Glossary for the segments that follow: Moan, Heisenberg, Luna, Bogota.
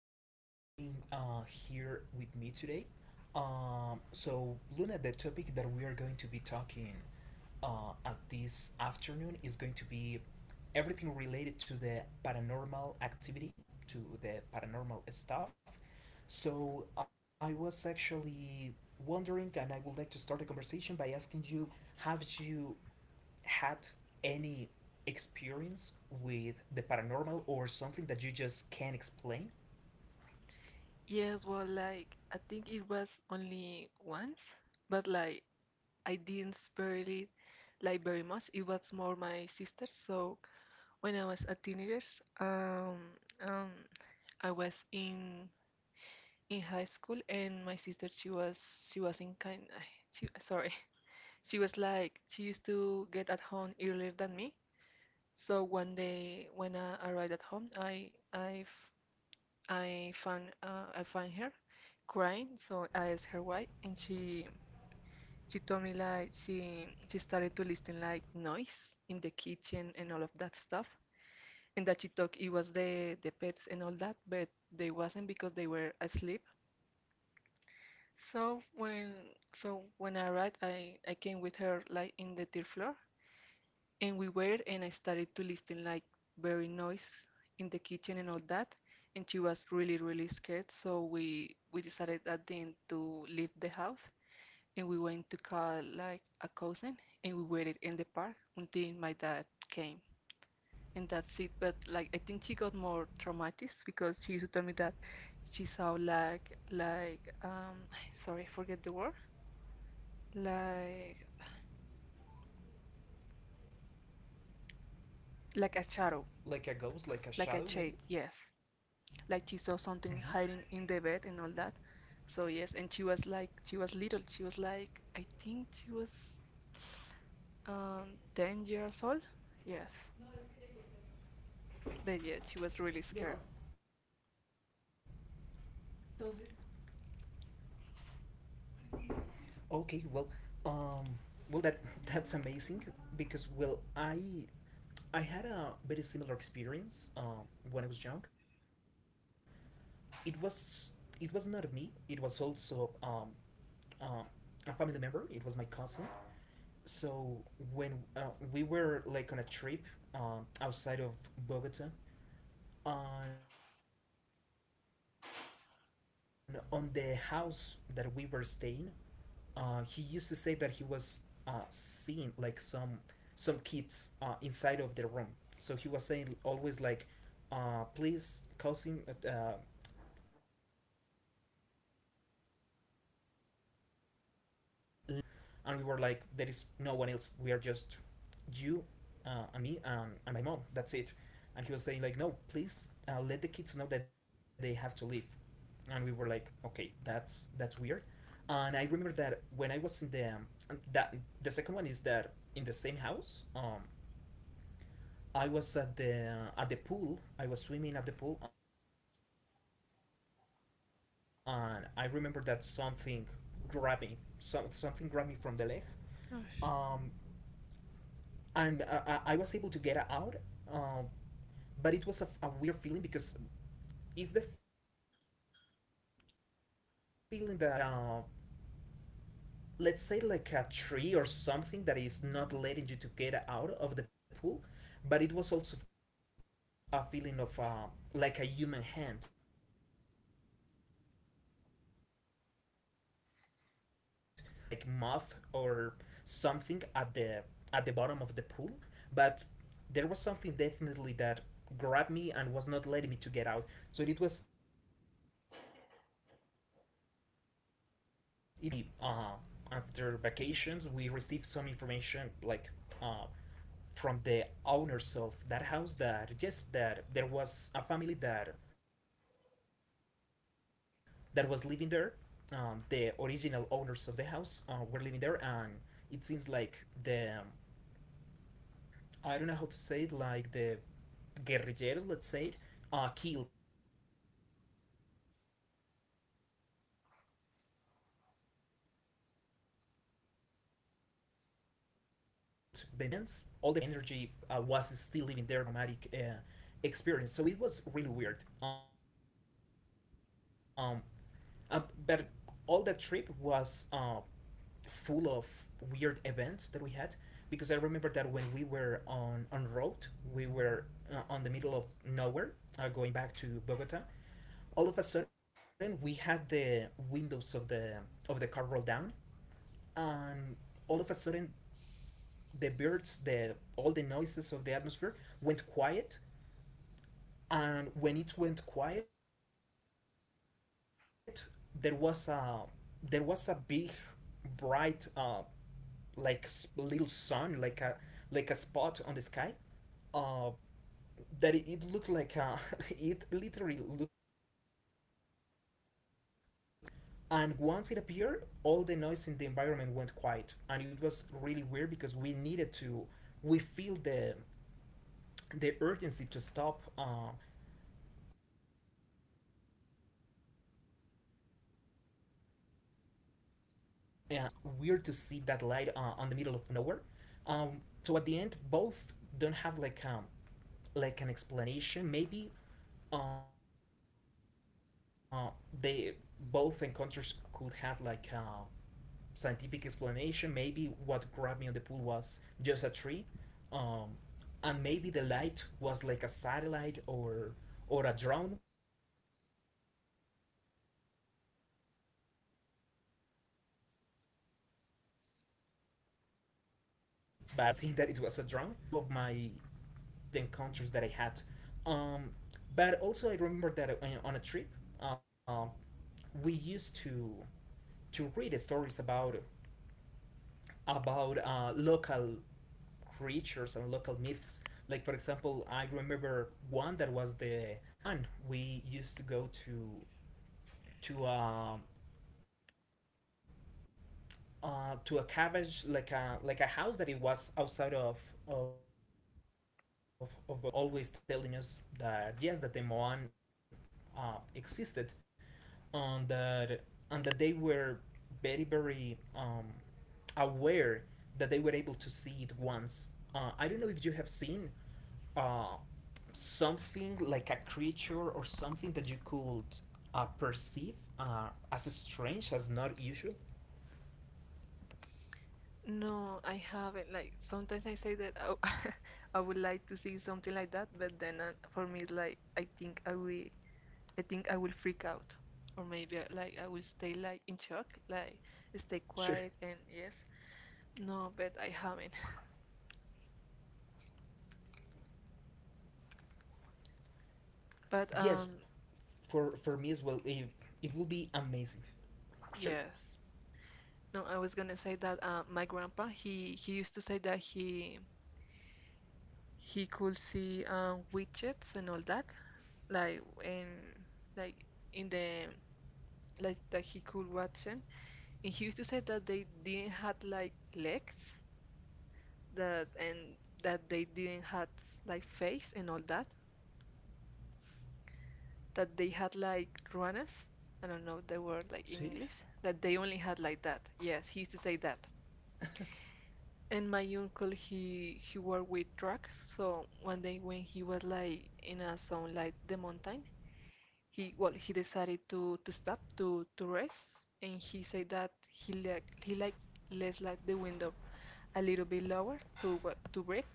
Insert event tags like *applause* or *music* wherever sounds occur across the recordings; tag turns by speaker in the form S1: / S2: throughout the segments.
S1: Thank you so much for being here with me today. So, Luna, the topic that we are going to be talking at this afternoon is going to be everything related to the paranormal activity, to the paranormal stuff. So, I was actually wondering, and I would like to start a conversation by asking you, have you had any experience with the paranormal or something that you just can't explain?
S2: Yes, well, like I think it was only once, but like I didn't spare it like very much. It was more my sister. So when I was a teenager, um, um, I was in high school, and my sister she was in kind. *sighs* She, sorry, *laughs* she was like she used to get at home earlier than me. So one day when I arrived at home, I found I found her crying, so I asked her why, and she told me like she started to listen like noise in the kitchen and all of that stuff, and that she thought it was the pets and all that, but they wasn't because they were asleep. So when so when I arrived, I came with her like in the third floor, and we were, and I started to listen like very noise in the kitchen and all that. And she was really, really scared. So we decided at the end to leave the house, and we went to call like a cousin, and we waited in the park until my dad came. And that's it. But like I think she got more traumatized because she used to tell me that she saw like *sighs* sorry, I forget the word. Like
S1: Like
S2: like
S1: a
S2: a
S1: ghost,
S2: shadow,
S1: like a shadow, maybe?
S2: like a shade, yes.
S1: Mhm.
S2: Like she saw something hiding in the bed and all that. So yes, and she was like she was little. She was like I think she was 10 years old. Yes. But yeah, she was really scared.
S1: Okay, well, um, well that *laughs* that's amazing because well I had a very similar experience when I was young. It was it was not me. It was also uh, a family member. It was my cousin. So when we were like on a trip outside of Bogota, on the house that we were staying, he used to say that he was seeing like some kids inside of the room. So he was saying always like, please, cousin, leave the children outside. Tell them to leave the room. And we were like, there is no one else. We are just you and me and my mom. That's it. And he was saying like, no, please let the kids know that they have to leave. And we were like, okay, that's weird. And I remember that when I was in the that the second one is that in the same house, I was at the pool. I was swimming at the pool, and I remember that something grabbed me. Something grabbed me from the leg. um and I,
S2: Gosh.
S1: I I was able to get out. um but it was a weird feeling, because it's the feeling that you have like a like a let's say like a tree or something that is not letting you to get out of the pool. But it was also a feeling of like a human hand. So at the end I was not able to understand if it was like moth or something at the bottom of the pool. But there was something definitely that grabbed me and was not letting me to get out. So it was really weird. um and then after we after vacations, we received some information like uh, from the owners of that house, that yes, that there was a family that was living there. The original owners of the house were living there. And it seems like the I don't know how to say it, like the guerrilleros, let's say it, killed the entire family. So in some sense, all the family, like the ghosts, the shadows, whatever the energy was still living there because of that traumatic experience. So it was really weird. Um, uh, but all that trip was full of weird events that we had, because I remember that when we were on road, we were on the middle of nowhere, going back to Bogota. All of a sudden, we had the windows of the car rolled down, and all of a sudden the birds the all the noises of the atmosphere went quiet. And when it went quiet, there was a big bright like little sun, like a spot on the sky, uh that it looked like a *laughs* it literally looked like a ship that was right there, very bright on the sky. And once it appeared, all the noise in the environment went quiet. And it was really weird, because we needed to we feel the urgency to stop, in the middle of the road and just look at what was happening, because it was weird to see that light on the middle of nowhere. um, so at the end, both don't have like a an explanation maybe. Uh they both encounters could have like a scientific explanation. Maybe what grabbed me on the pool was just a tree. um and maybe the light was like a satellite or a drone. But well, it was back on 2010, 2011, so I don't *laughs* think that it was a drone. um but yes, those are like two of my really weird encounters that I had. Um, but also, I remember that on a trip, um, we used to read stories about local creatures and local myths. Like for example, I remember one that was the Moan. We used to go to to um to a cabbage, like a house that it was outside of of Bogota as well. And the people that were living on the house were also always telling us that yes, that the Moan existed, and that they were very aware, that they were able to see it once. I don't know if you have seen uh, something like a creature or something that you could perceive as strange as not usual?
S2: No, I haven't. Like sometimes I say that I, *laughs* I would like to see something like that, but then for me it's like I think I will freak out, or maybe like I will stay like in shock, like
S1: Sure.
S2: stay quiet and yes, no, but I haven't. *laughs* But
S1: Yes, for me as well. It will be amazing. Sure.
S2: yes, no, I was gonna say that my grandpa he used to say that he could see widgets and all that, like in like in the like that he could watch them. And he used to say that they didn't have like legs, that and that they didn't have like face and all that. That they had like ruanas. I don't know the word like
S1: See.
S2: in English. That they only had like that. Yes, he used to say that.
S1: *laughs*
S2: And my uncle, he worked with trucks. So one day when he was like in a zone like the mountain, he well he decided to stop to rest, and he said that he less like the window a little bit lower to what to breathe,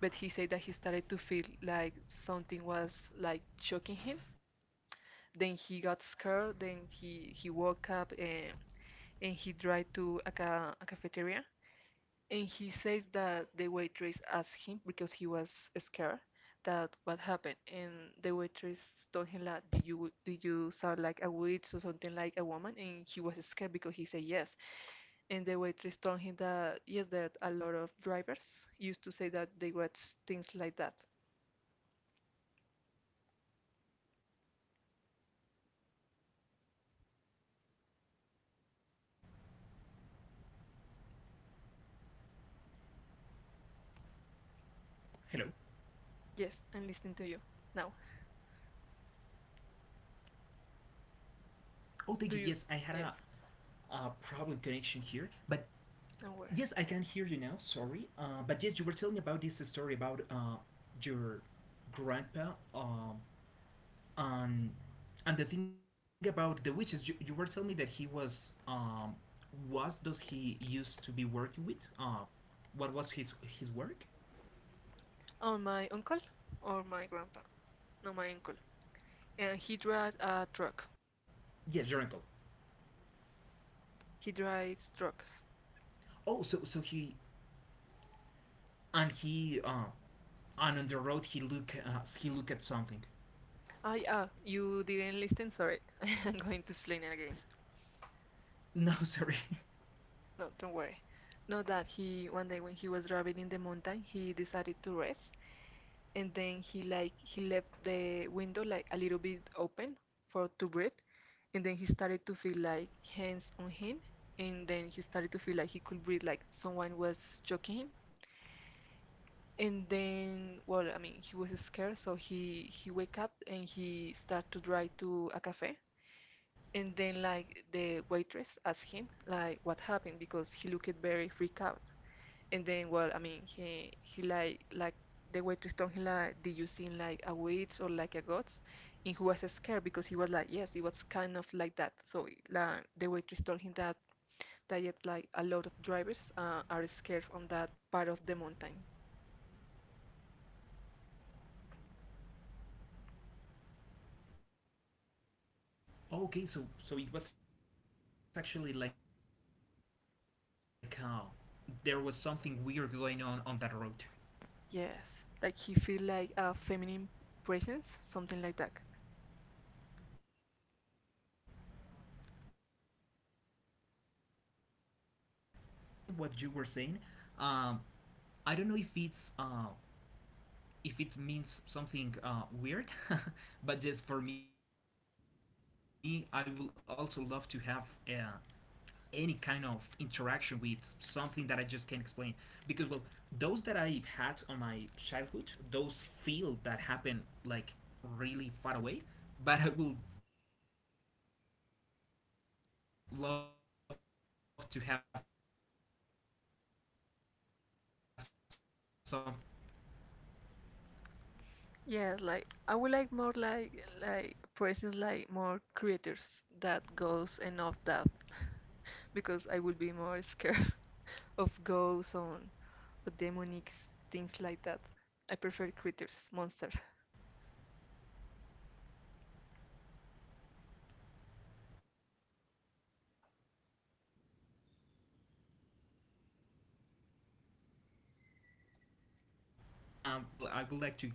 S2: but he said that he started to feel like something was like choking him. Then he got scared. Then he woke up and he tried to a, ca a cafeteria, and he says that the waitress asked him because he was scared that what happened. And the waitress told him that "Do you sound like a witch or something like a woman?" And he was scared because he said yes. And the waitress told him that yes, that a lot of drivers used to say that they watch things like that.
S1: Hello.
S2: Yes, I'm listening to you now.
S1: Oh, thank
S2: Do
S1: you.
S2: you?
S1: Yes, I had
S2: Yes,
S1: a problem connection here, but
S2: and where?
S1: yes, I can hear you now. Sorry. But yes, you were telling me about this story about your grandpa, Um, and the thing about the witches. You were telling me that he was those he used to be working with? What was his work?
S2: On my uncle or my grandpa? No, my uncle. And he drives a truck.
S1: Yes, your uncle.
S2: He drives trucks.
S1: Oh, so he and on the road he look at something.
S2: Ah, yeah, you didn't listen, sorry. *laughs* I'm going to explain it again.
S1: No, *laughs* sorry.
S2: No, don't worry. No, that he one day when he was driving in the mountain, he decided to rest, and then he left the window like a little bit open for to breathe, and then he started to feel like hands on him,
S1: Mhm.
S2: and then he started to feel like he could breathe like someone was choking him. And then, well, I mean, he was scared, so he wake up and he start to drive to a cafe. And then like the waitress asked him like what happened because he looked very freaked out. And then well, I mean he the waitress told him like did you see like a witch or like a ghost? And he was scared because he was like yes, it was kind of like that. So like the waitress told him that that yet like a lot of drivers are scared on that part of the mountain.
S1: Okay, so it was actually like a well known fact that there was something weird going on that road.
S2: Yes, like he feel like a feminine presence, something like that.
S1: Okay, *laughs* that's great. And yes, regarding what you were saying, um, I don't know if it's if it means something weird, *laughs* but just for me, I will also love to have any kind of interaction with something that I just can't explain. Because well, those that I had on my childhood, those feel that happen like really far away, but I would love to have something weird to happen to me, like like on recent times.
S2: Yeah, like I would like more like presence like more creators that ghosts and of that because I would be more scared *laughs* of ghosts on or demonics things like that. I prefer creatures, monsters.
S1: *laughs* Yeah, yes, of course. Um, well, I think that well for me it will be any of them, *laughs* because well I would like to experience like any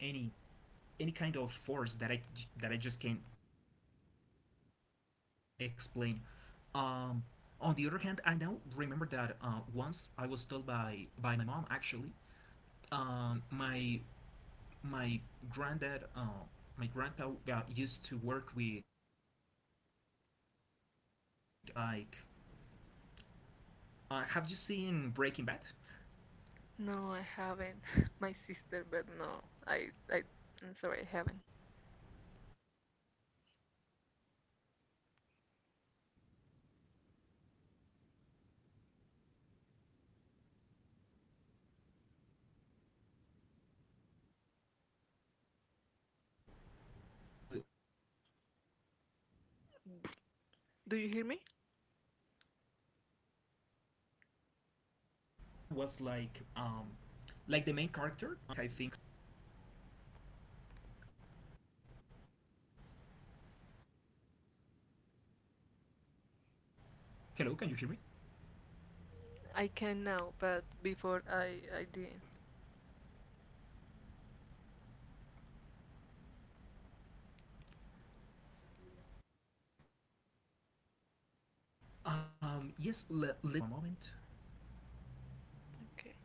S1: kind of force that I just can't explain. Um, on the other hand, I now remember that once I was told by my mom actually. um, my my granddad, my grandpa used to work with let's say with illegal things. He was like, "Have you seen Breaking Bad?"
S2: No, I haven't. *laughs* My sister, but no, I I'm sorry, I haven't.
S1: D- don't worry, me too. But *laughs* but I wanted to let you know that well, my grandpa was like the main character, Heisenberg. I think that is called his name. So he was like the
S2: Do you hear
S1: person
S2: me?
S1: in charge of creating the drugs. Hello, can you hear me?
S2: I can now, but before I didn't.
S1: Yes, le- let me see if we can work this thing out. Just give me one moment.
S2: Okay.